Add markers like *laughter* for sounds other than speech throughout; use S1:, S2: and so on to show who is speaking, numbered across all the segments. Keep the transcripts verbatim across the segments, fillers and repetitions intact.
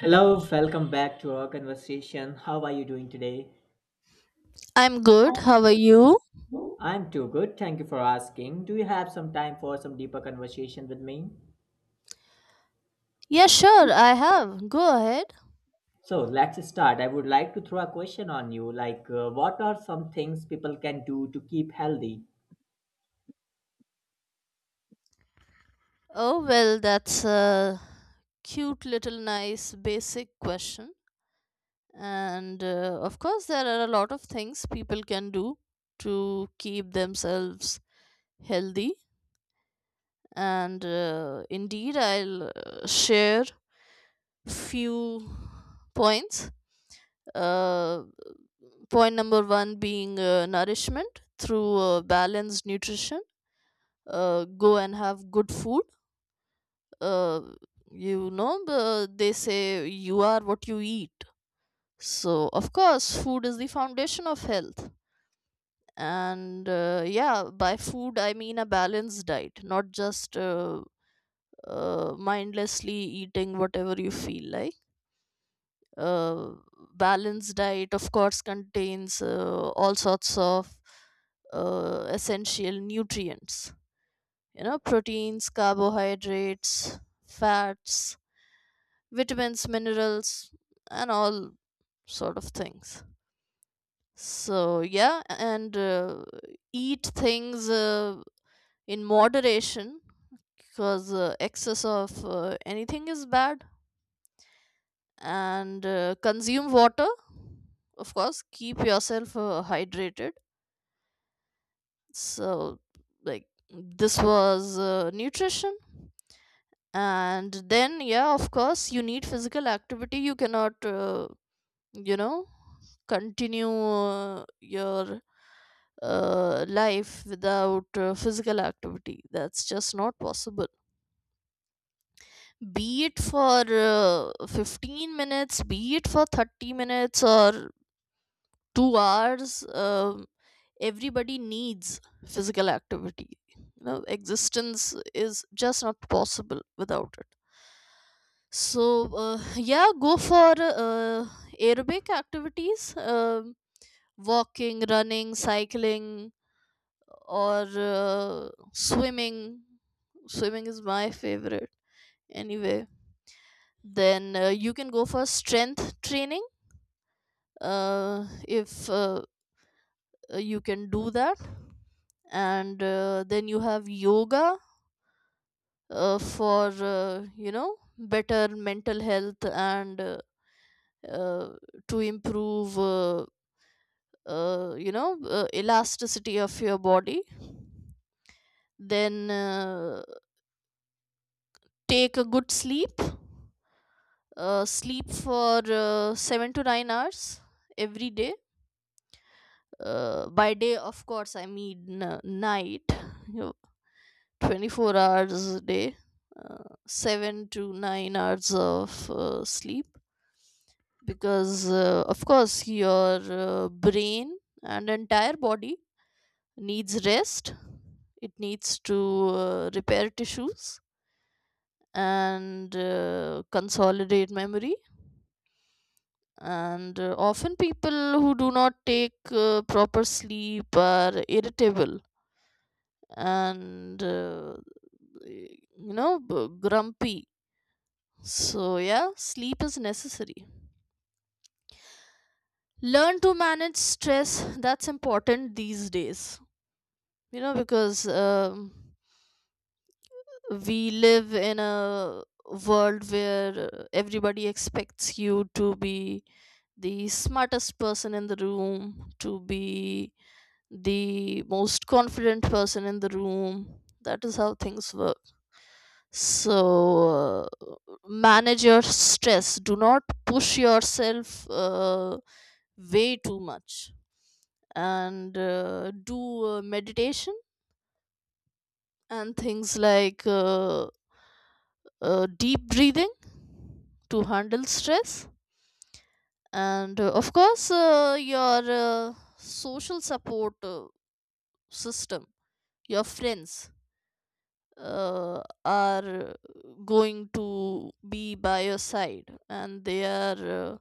S1: Hello, welcome back to our conversation. How are you doing today?
S2: I'm good. How are you?
S1: I'm too good. Thank you for asking. Do you have some time for some deeper conversation with me?
S2: Yeah, sure, I have. Go ahead.
S1: So let's start. I would like to throw a question on you. Like, uh, what are some things people can do to keep healthy?
S2: Oh, well, that's a cute little nice basic question. And uh, Of course, there are a lot of things people can do to keep themselves healthy. And uh, Indeed, I'll uh, share few points. Uh, Point number one being uh, nourishment through uh, balanced nutrition. Uh, go and have good food uh, you know, uh, they say you are what you eat. So, of course, food is the foundation of health. And uh, Yeah, by food, I mean a balanced diet, not just uh, uh, mindlessly eating whatever you feel like. Uh, Balanced diet, of course, contains uh, all sorts of uh, essential nutrients, you know, proteins, carbohydrates, fats, vitamins minerals and all sort of things. So yeah, and uh, eat things uh, in moderation, because uh, excess of uh, anything is bad. And uh, Consume water, of course. Keep yourself uh, hydrated. So like this was uh, nutrition, and then yeah, of course you need physical activity. You cannot uh, you know continue uh, your uh, life without uh, physical activity. That's just not possible. Be it for uh, fifteen minutes, be it for thirty minutes or two hours, um, everybody needs physical activity. You know, existence is just not possible without it. So, uh, yeah, go for uh, aerobic activities, um walking, running, cycling, or uh, swimming. Swimming is my favorite anyway. Then uh, you can go for strength training uh, if uh, you can do that. And uh, Then you have yoga uh, for uh, you know, better mental health, and uh, uh, to improve uh, uh, you know uh, elasticity of your body. Then uh, Take a good sleep. Uh, sleep for uh, seven to nine hours every day uh, By day, of course, I mean uh, night. You twenty-four hours a day, uh, seven to nine hours of uh, sleep, because uh, of course your uh, brain and entire body needs rest. It needs to uh, repair tissues and uh, consolidate memory. And uh, often people who do not take uh, proper sleep are irritable and uh, you know b- grumpy. So yeah, sleep is necessary. Learn to manage stress. That's important these days, you know, because um, we live in a world where uh, everybody expects you to be the smartest person in the room, to be the most confident person in the room. That is how things work. So, uh, manage your stress. Do not push yourself uh, way too much. And uh, do uh, meditation and things like. Uh, uh, Deep breathing to handle stress. And uh, of course uh, your uh, social support uh, system. Your friends uh, are going to be by your side, and they are uh,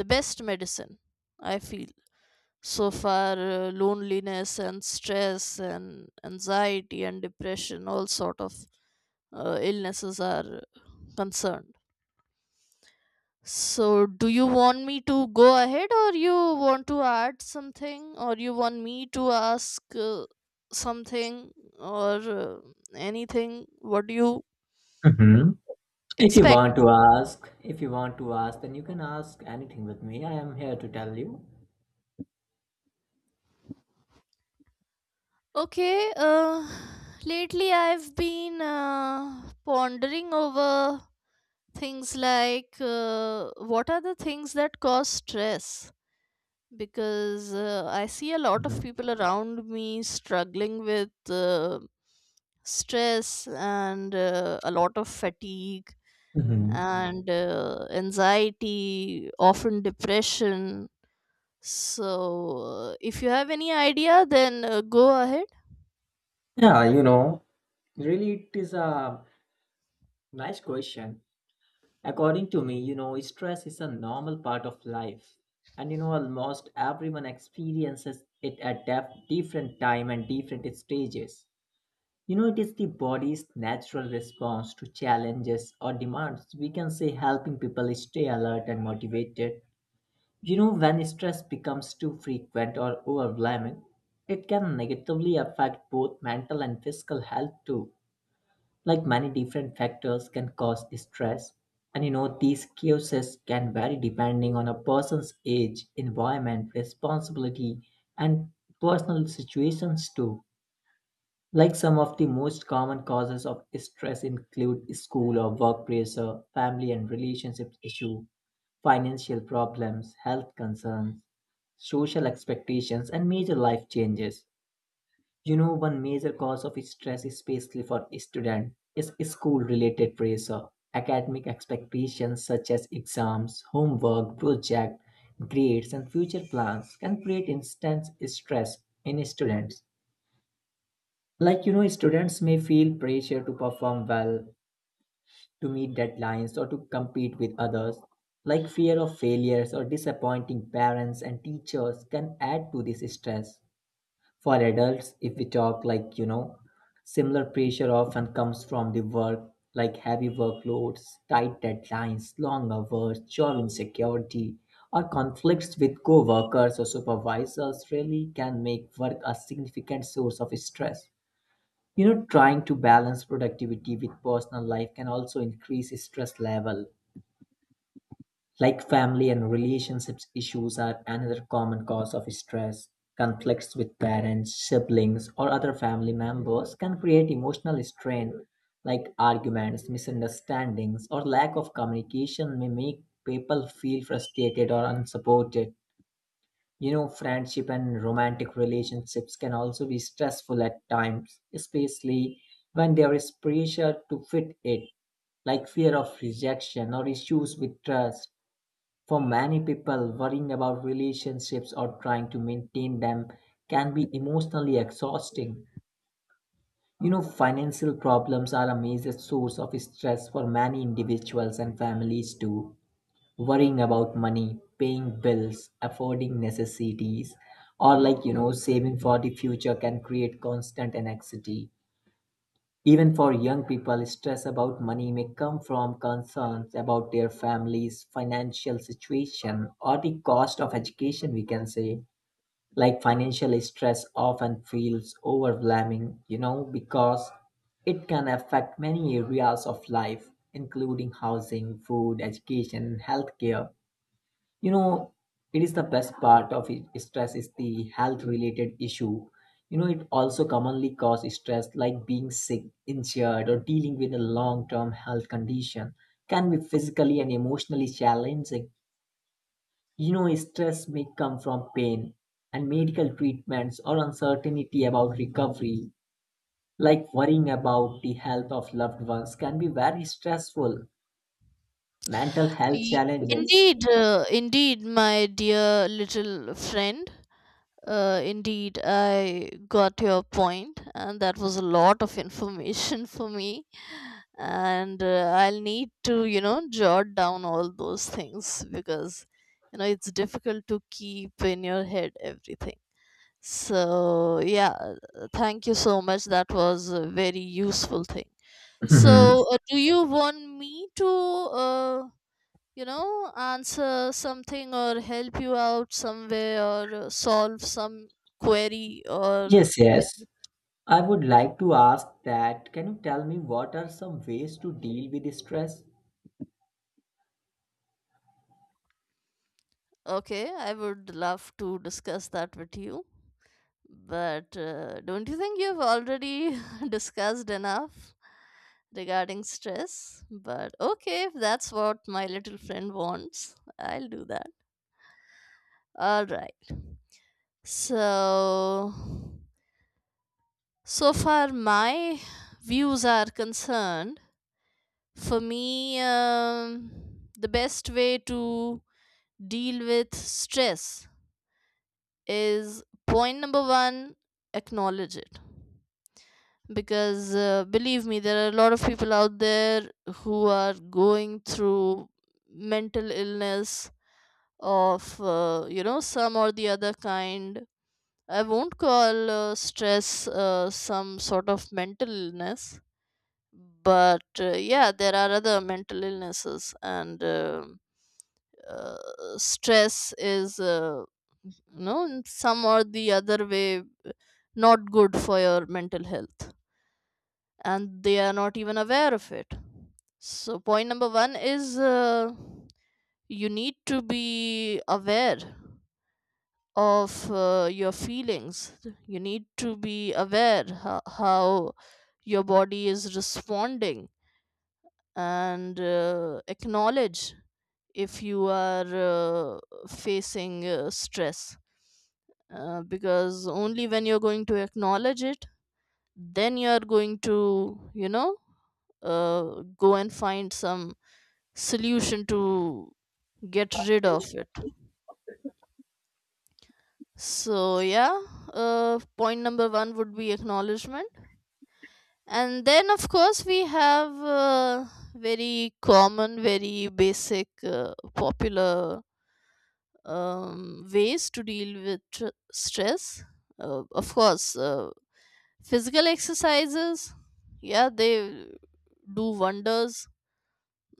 S2: the best medicine, I feel, so far uh, loneliness and stress and anxiety and depression, all sort of uh, illnesses are concerned. So, do you want me to go ahead, or you want to add something, or you want me to ask uh, something, or uh, anything? What do you
S1: Hmm. If you
S2: expect?
S1: want to ask, if you want to ask, then you can ask anything with me. I am here to tell you.
S2: Okay, uh, lately I've been uh, pondering over things like uh, what are the things that cause stress? because uh, I see a lot of
S1: Mhm.
S2: people around me struggling with uh, stress and uh, a lot of fatigue
S1: Mhm.
S2: and uh, anxiety, often depression. So, uh, if you have any idea, then uh, go ahead.
S1: Yeah, you know, really, it is a nice question. According to me, you know, stress is a normal part of life. And you know, almost everyone experiences it at def- different time and different stages. You know, it is the body's natural response to challenges or demands. We can say helping people stay alert and motivated. You know, when stress becomes too frequent or overwhelming, it can negatively affect both mental and physical health too. Like many different factors can cause stress, and you know these causes can vary depending on a person's age, environment, responsibility, and personal situations too. Like some of the most common causes of stress include school or work pressure, family and relationship issue, financial problems, health concerns, social expectations, and major life changes. You know, one major cause of stress, especially for students, is school-related pressure. Academic expectations such as exams, homework, project, grades, and future plans can create intense stress in students. Like, you know, students may feel pressure to perform well, to meet deadlines, or to compete with others. Like, fear of failures or disappointing parents and teachers can add to this stress. For adults, if we talk like, you know, similar pressure often comes from the work, like heavy workloads, tight deadlines, long hours, job insecurity, or conflicts with co-workers or supervisors really can make work a significant source of stress. You know, trying to balance productivity with personal life can also increase stress level. Like family and relationships issues are another common cause of stress. Conflicts with parents, siblings, or other family members can create emotional strain, like arguments, misunderstandings, or lack of communication may make people feel frustrated or unsupported. You know, friendship and romantic relationships can also be stressful at times, especially when there is pressure to fit in, like fear of rejection or issues with trust. For many people, worrying about relationships or trying to maintain them can be emotionally exhausting. You know, financial problems are a major source of stress for many individuals and families too. Worrying about money, paying bills, affording necessities, or like, you know, saving for the future can create constant anxiety. Even for young people, stress about money may come from concerns about their family's financial situation or the cost of education, we can say. Like financial stress often feels overwhelming, you know, because it can affect many areas of life, including housing, food, education, and healthcare. You know, it is the best part of it, stress is the health related issue. You know, it also commonly causes stress, like being sick, injured, or dealing with a long term health condition can be physically and emotionally challenging. You know, stress may come from pain and medical treatments or uncertainty about recovery, like worrying about the health of loved ones can be very stressful. Mental health
S2: Ye-
S1: challenges.
S2: Indeed, uh, indeed, my dear little friend. Uh, indeed, I got your point, and that was a lot of information *laughs* for me. and uh, I'll need to, you know, jot down all those things, because you know, it's difficult to keep in your head everything. So yeah, uh, thank you so much. That was a very useful thing. So
S1: Mhm.
S2: uh, do you want me to uh, you know, answer something or help you out somewhere, or uh, solve some query or—
S1: Yes, yes. I would like to ask that can you tell me what are some ways to deal with stress?
S2: Okay, I would love to discuss that with you. But uh, don't you think you've already *laughs* discussed enough regarding stress? But okay, if that's what my little friend wants, I'll do that. All right. So, so far my views are concerned, for me, um, the best way to deal with stress is point number one, acknowledge it. because uh, believe me, there are a lot of people out there who are going through mental illness of uh, you know, some or the other kind. I won't call uh, stress uh, some sort of mental illness, but uh, yeah, there are other mental illnesses and um uh, stress is uh, you know, in some or the other way, not good for your mental health, and they are not even aware of it. So, point number one is uh, you need to be aware of uh, your feelings. You need to be aware ho- how your body is responding, and uh, acknowledge if you are uh, facing uh, stress. Uh, because only when you're going to acknowledge it, then you are going to, you know, uh, go and find some solution to get rid of it. So yeah, uh, point number one would be acknowledgement. And then of course we have uh, very common, very basic, uh, popular um, ways to deal with tr- stress. Uh, of course uh, physical exercises, yeah, they do wonders.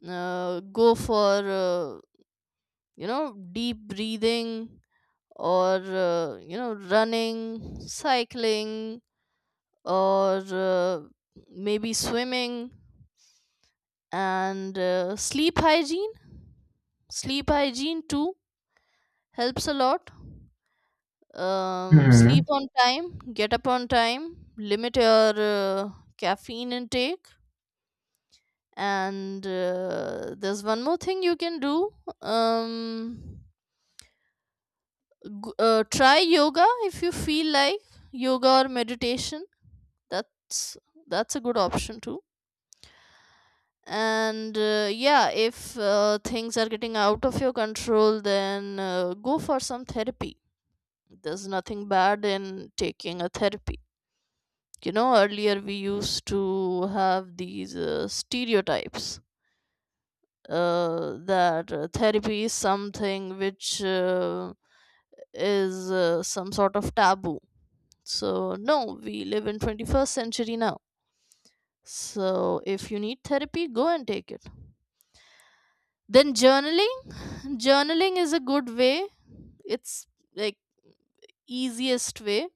S2: Uh, go for uh, you know deep breathing, or uh, you know, running, cycling, or uh, maybe swimming. And uh, sleep hygiene. Sleep hygiene too helps a lot. Um,
S1: Mm-hmm.
S2: sleep on time, get up on time, limit your uh, caffeine intake. And uh, there's one more thing you can do. um, g- uh, Try yoga if you feel like. Yoga or meditation, that's that's a good option too. And uh, yeah, if uh, things are getting out of your control, then uh, go for some therapy. There's nothing bad in taking a therapy. You know, earlier we used to have these uh, stereotypes uh, that uh, therapy is something which uh, is uh, some sort of taboo. So, no, we live in twenty-first century now. So, if you need therapy, go and take it. Then journaling, journaling is a good way. It's like easiest way.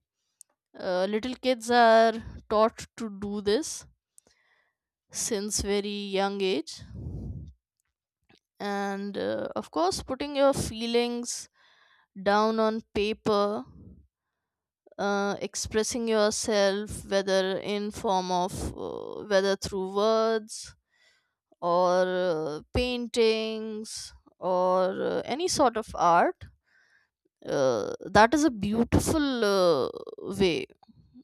S2: Uh, little kids are taught to do this since very young age. And uh, of course, putting your feelings down on paper, uh, expressing yourself, whether in form of uh, whether through words, or uh, paintings, or uh, any sort of art, uh, that is a beautiful uh, way.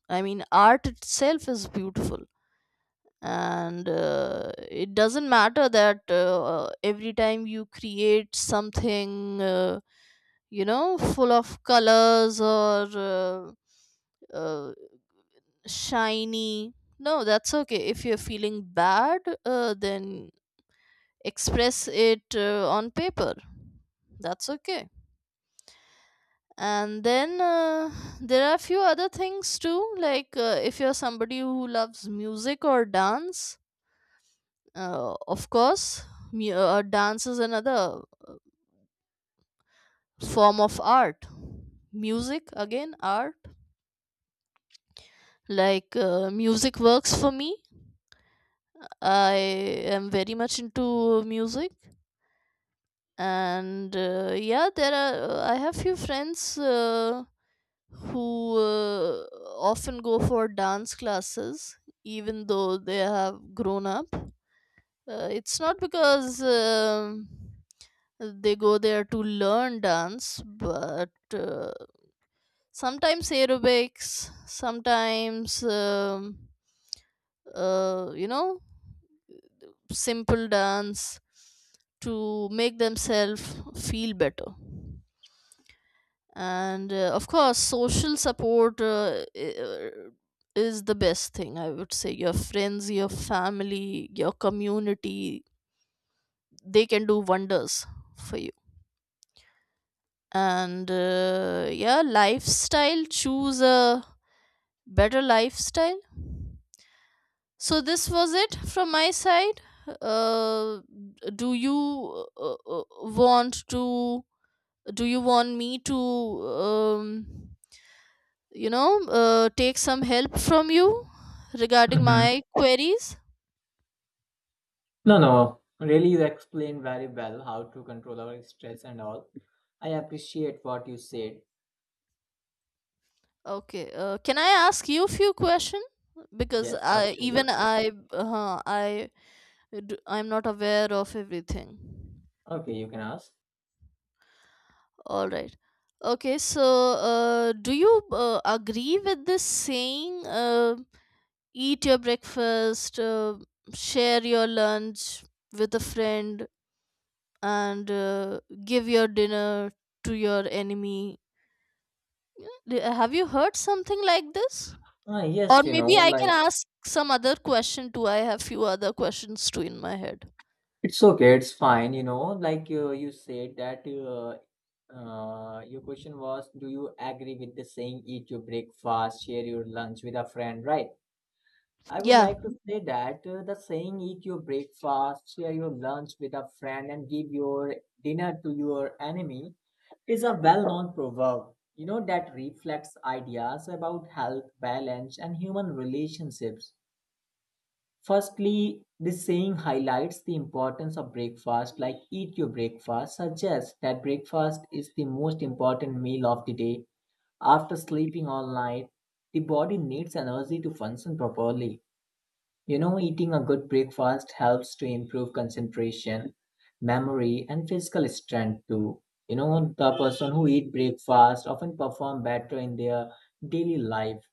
S2: I mean, art itself is beautiful, and uh, it doesn't matter that uh, uh, every time you create something uh, you know, full of colors or uh, uh, shiny. No, that's okay. If you're feeling bad, uh, then express it uh, on paper, that's okay. And then uh, there are a few other things too, like uh, if you're somebody who loves music or dance. Uh, of course mu- uh, dance is another form of art. Music, again, art. Like uh, music works for me. I am very much into music. And uh, yeah, there are— I have few friends uh, who uh, often go for dance classes even though they have grown up. Uh, it's not because um, they go there to learn dance, but uh, sometimes aerobics, sometimes, um, uh, you know, simple dance to make themselves feel better. and uh, of course, social support uh, i- uh, is the best thing, I would say. Your friends, your family, your community, they can do wonders for you. And uh, yeah, lifestyle. Choose a better lifestyle. So this was it from my side. Uh, do you uh, uh, uh, want to— Do you want me to, um, you know, uh, take some help from you regarding
S1: Mm-hmm.
S2: my queries?
S1: No, no. Really, you explained very well how to control our stress and all. I appreciate what you said.
S2: Okay, uh, can I ask you a few questions? Because
S1: Yes,
S2: I— even
S1: absolutely.
S2: I uh, I d- I'm not aware of everything.
S1: Okay, you can ask.
S2: All right. Okay, so uh, do you uh, agree with this saying? Uh, eat your breakfast, uh, share your lunch with a friend, and uh, give your dinner to your enemy. Yeah, d- Have you heard something like this?
S1: Ah,
S2: Or
S1: yes, you know,
S2: maybe I can
S1: like,
S2: ask some other question too. I have few other questions too in my head.
S1: it's okay, it's fine. You know, like uh, you said that uh, uh, your question was, do you agree with the saying, eat your breakfast, share your lunch with a friend, right? I would
S2: Yeah.
S1: like to say that uh, the saying eat your breakfast, share your lunch with a friend, and give your dinner to your enemy is a well known proverb. You know, that reflects ideas about health, balance, and human relationships. Firstly, this saying highlights the importance of breakfast, like eat your breakfast, suggests that breakfast is the most important meal of the day. After sleeping all night, the body needs energy to function properly. You know, eating a good breakfast helps to improve concentration, memory, and physical strength too. You know, the person who eat breakfast often perform better in their daily life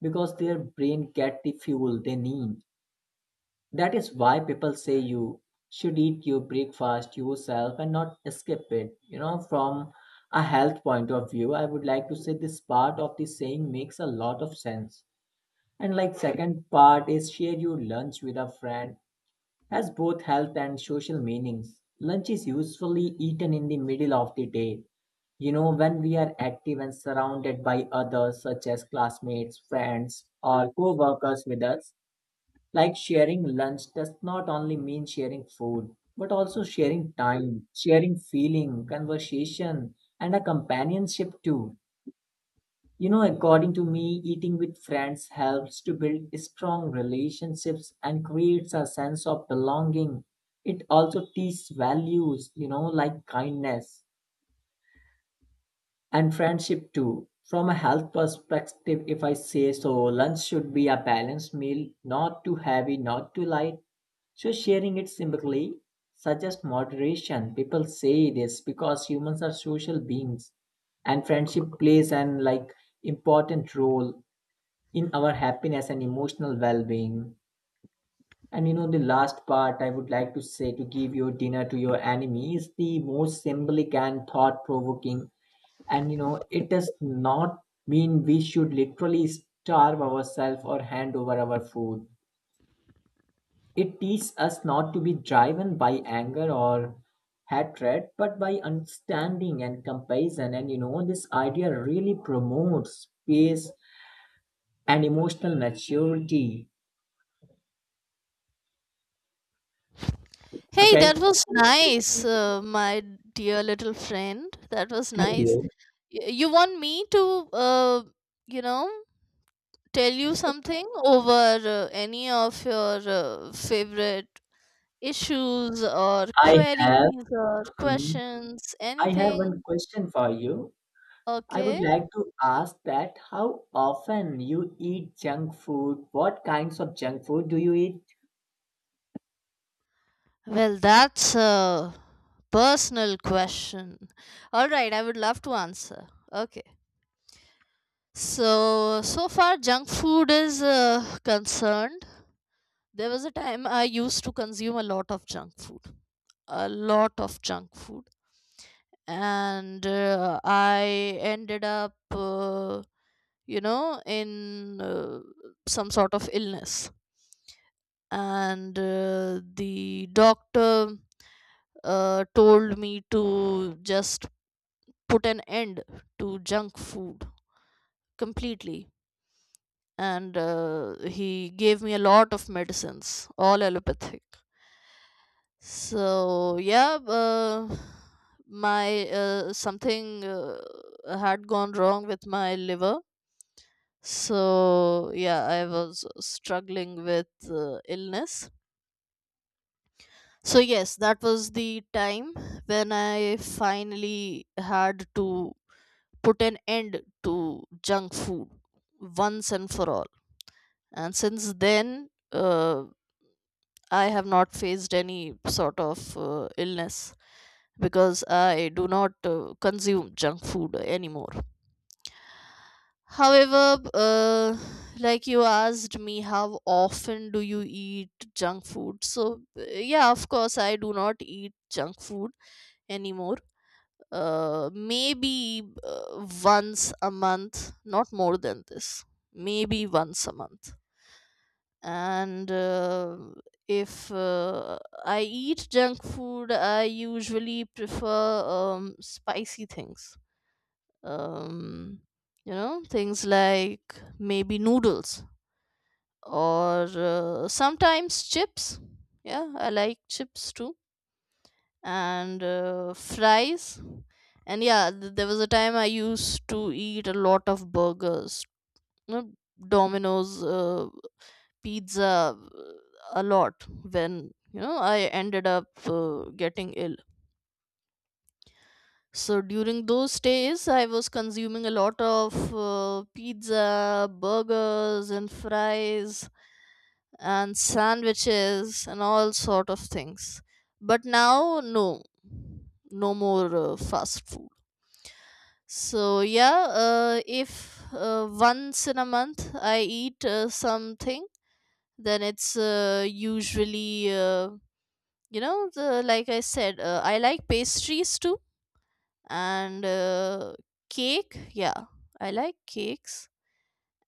S1: because their brain get the fuel they need. That is why people say you should eat your breakfast yourself and not skip it. You know, from a health point of view, I would like to say this part of the saying makes a lot of sense. And like second part is share your lunch with a friend has both health and social meanings. Lunch is usually eaten in the middle of the day. You know, when we are active and surrounded by others, such as classmates, friends, or co workers with us, like sharing lunch does not only mean sharing food, but also sharing time, sharing feeling, conversation, and a companionship too. You know, according to me, eating with friends helps to build strong relationships and creates a sense of belonging. It also teaches values, you know, like kindness and friendship too. From a health perspective, if I say so, lunch should be a balanced meal, not too heavy, not too light. So sharing it simply suggests moderation. People say this because humans are social beings and friendship plays an like important role in our happiness and emotional well-being. And you know, the last part I would like to say, to give your dinner to your enemy is the most symbolic and thought-provoking. And you know, it does not mean we should literally starve ourselves or hand over our food. It teaches us not to be driven by anger or hatred but by understanding and compassion. And you know, this idea really promotes peace and emotional maturity.
S2: Hey, that
S1: Okay.
S2: was nice, uh, my dear little friend. That was
S1: Thank
S2: nice.
S1: you.
S2: Y- You want me to, uh, you know, tell you something over uh, any of your uh, favorite issues or
S1: I have
S2: queries or
S1: um,
S2: questions,
S1: I have one
S2: anything?
S1: question for you. I
S2: Okay.
S1: would like to ask that how often you eat junk food? What kinds of junk food do you eat?
S2: Well, that's a personal question. All right, I would love to answer. Okay. So, so far, junk food is uh, concerned. There was a time I used to consume a lot of junk food, a lot of junk food. And uh, I ended up, uh, you know, in uh, some sort of illness. And uh, The doctor uh, told me to just put an end to junk food completely, and uh, he gave me a lot of medicines, all allopathic. So yeah, uh, my uh, something uh, had gone wrong with my liver. So yeah, I was struggling with uh, illness. So yes, that was the time when I finally had to put an end to junk food once and for all. And since then, uh, I have not faced any sort of uh, illness, because I do not uh, consume junk food anymore. However, uh, like you asked me, how often do you eat junk food? So, uh, yeah, of course, I do not eat junk food anymore, uh, maybe uh, once a month, not more than this, maybe once a month. And uh, if uh, I eat junk food, I usually prefer um, spicy things. Um, you know, things like maybe noodles or uh, sometimes chips. Yeah, I like chips too, and uh, fries. And yeah, th- there was a time I used to eat a lot of burgers, you know, Domino's uh, pizza, uh, a lot, when, you know, I ended up uh, getting ill. So during those days I was consuming a lot of uh, pizza, burgers and fries and sandwiches and all sort of things. But now, no, no more uh, fast food. So yeah, uh, if uh, once in a month I eat uh, something, then it's uh, usually, uh, you know the like I said, uh, I like pastries too, and uh, cake. Yeah, I like cakes,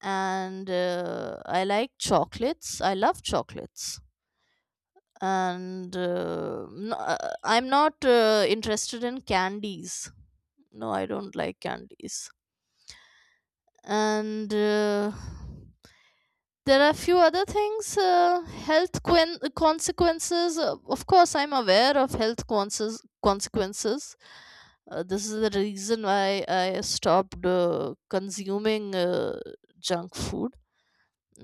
S2: and uh, I like chocolates. I love chocolates, and uh, no, uh, I'm not uh, interested in candies. No, I don't like candies. And uh, there are few other things, uh, health quen- consequences. Uh, of course, I'm aware of health conses- consequences. Uh, this is the reason why I stopped uh, consuming uh, junk food.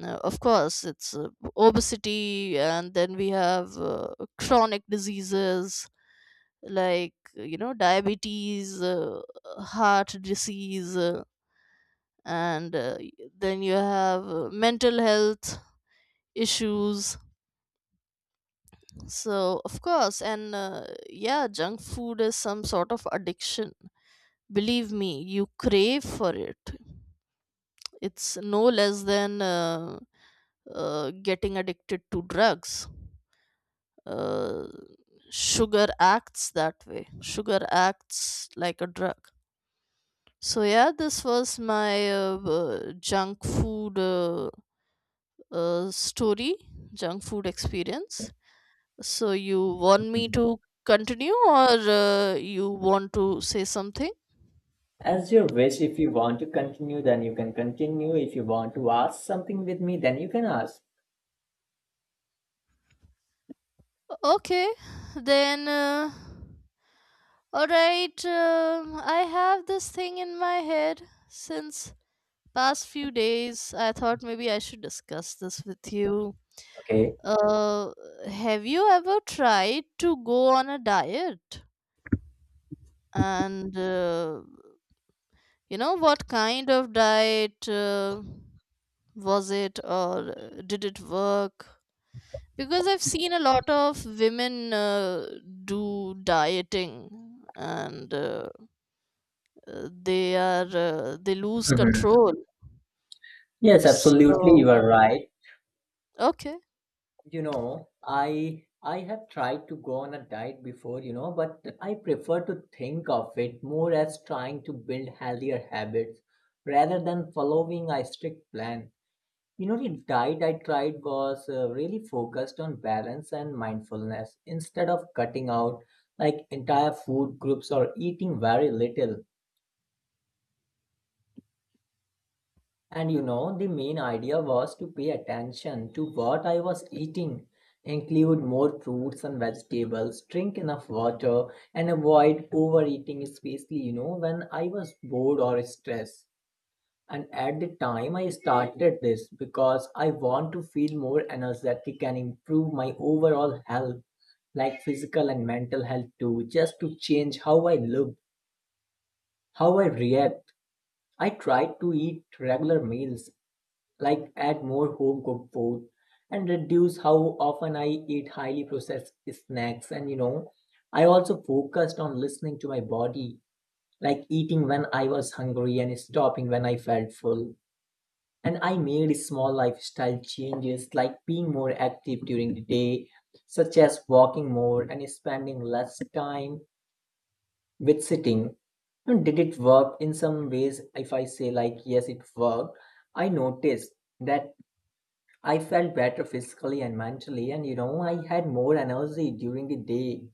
S2: uh, Of course, it's uh, obesity, and then we have uh, chronic diseases, like, you know, diabetes, uh, heart disease, uh, and uh, then you have uh, mental health issues. So, of course. And uh, yeah, junk food is some sort of addiction. Believe me, you crave for it. It's no less than uh, uh, getting addicted to drugs. uh, Sugar acts that way. Sugar acts like a drug. So yeah, this was my uh, uh, junk food uh, uh, story, junk food experience. So you want me
S1: Mhm.
S2: to continue, or uh, you want to say something?
S1: As your wish, if you want to continue, then you can continue. If you want to ask something with me, then you can ask.
S2: Okay, then. Uh, all right, um, I have this thing in my head since past few days. I thought maybe I should discuss this with you.
S1: Okay.
S2: Uh, have you ever tried to go on a diet? And uh, you know, what kind of diet uh, was it, or uh, did it work? Because I've seen a lot of women uh, do dieting, and uh, uh, they are, uh, they lose
S1: Mhm.
S2: control.
S1: Yes, absolutely.
S2: So,
S1: You are right.
S2: okay.
S1: You know, I I have tried to go on a diet before, you know, but I prefer to think of it more as trying to build healthier habits rather than following a strict plan. You know, the diet I tried was uh, really focused on balance and mindfulness instead of cutting out like entire food groups or eating very little. And you know, the main idea was to pay attention to what I was eating, include more fruits and vegetables, drink enough water, and avoid overeating, especially, you know, when I was bored or stressed. And at the time, I started this because I want to feel more energetic and improve my overall health, like physical and mental health too, just to change how I look, how I react. I tried to eat regular meals, like add more home cooked food and reduce how often I eat highly processed snacks. And you know, I also focused on listening to my body, like eating when I was hungry and stopping when I felt full. And I made small lifestyle changes like being more active during the day, such as walking more and spending less time with sitting. And did it work in some ways? If I say, like, yes, it worked, I noticed that I felt better physically and mentally, and you know, I had more energy during the day,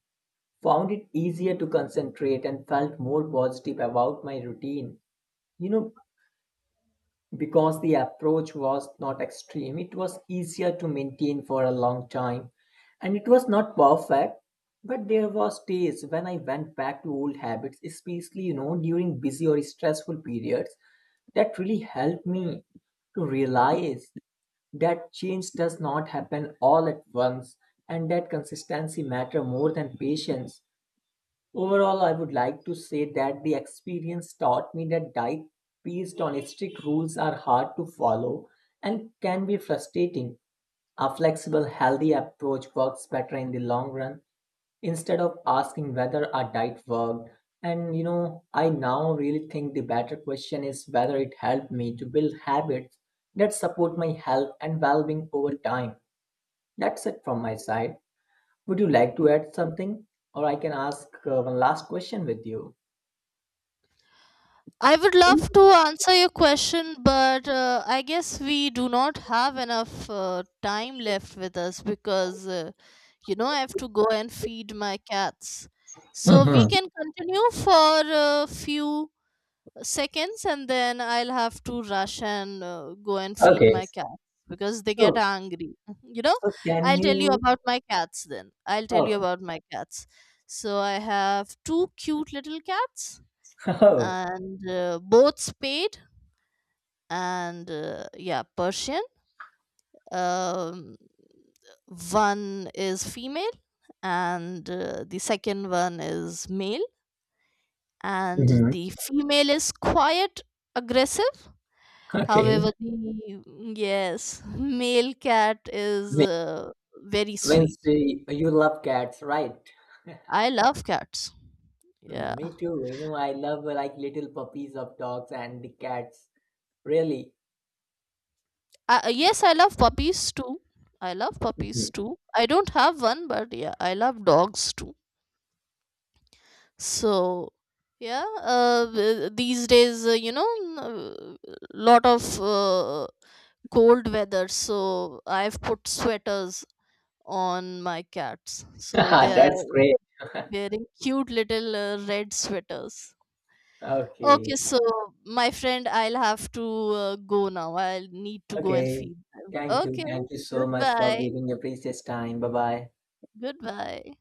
S1: found it easier to concentrate, and felt more positive about my routine. You know, because the approach was not extreme, it was easier to maintain for a long time, and it was not perfect. But there was days when I went back to old habits, especially you know during busy or stressful periods, that really helped me to realize that change does not happen all at once and that consistency matter more than patience. Overall, I would like to say that the experience taught me that diet based on strict rules are hard to follow and can be frustrating. A flexible, healthy approach works better in the long run. Instead of asking whether a diet worked, and you know, I now really think the better question is whether it helped me to build habits that support my health and well being over time. That's it from my side. Would you like to add something? Or I can ask uh, one last question with you.
S2: I would love to answer your question, but uh, I guess we do not have enough uh, time left with us, because uh, you know, I have to go and feed my cats. So we
S1: Hmm.
S2: can continue for a few seconds, and then I'll have to rush and uh, go and feed
S1: Okay.
S2: my cats, because they get
S1: So,
S2: angry. *laughs* You know,
S1: so can
S2: I'll tell you
S1: you?
S2: about my cats then. I'll tell you
S1: Oh.
S2: about my cats. So I have two cute little cats,
S1: *laughs*
S2: and uh, both spayed, and uh, yeah, Persian. Um, One is female, and uh, the second one is male, and
S1: Hmm.
S2: the female is quiet, aggressive.
S1: Okay.
S2: However, the, yes, male cat is
S1: Me-
S2: uh, very sweet.
S1: means uh, you love cats, right?
S2: I love cats.
S1: Mm,
S2: Yeah.
S1: me too. You know, I love uh, like little puppies of dogs and the cats. Really,
S2: I, uh, yes, I love puppies too. I love puppies
S1: Mhm.
S2: too. I don't have one, but yeah, I love dogs too. So, yeah, uh, th- these days, uh, you know, n- uh, lot of uh, cold weather, so I've put sweaters on my cats. So they
S1: *laughs*
S2: are
S1: That's great. *laughs*
S2: wearing cute little uh, red sweaters. Okay,
S1: Okay,
S2: so my friend, I'll have to uh, go now. I'll need to go and
S1: okay.
S2: feed them.
S1: Thank you,
S2: Okay,
S1: thank you so much for
S2: goodbye.
S1: giving your precious time. Bye bye.
S2: Goodbye.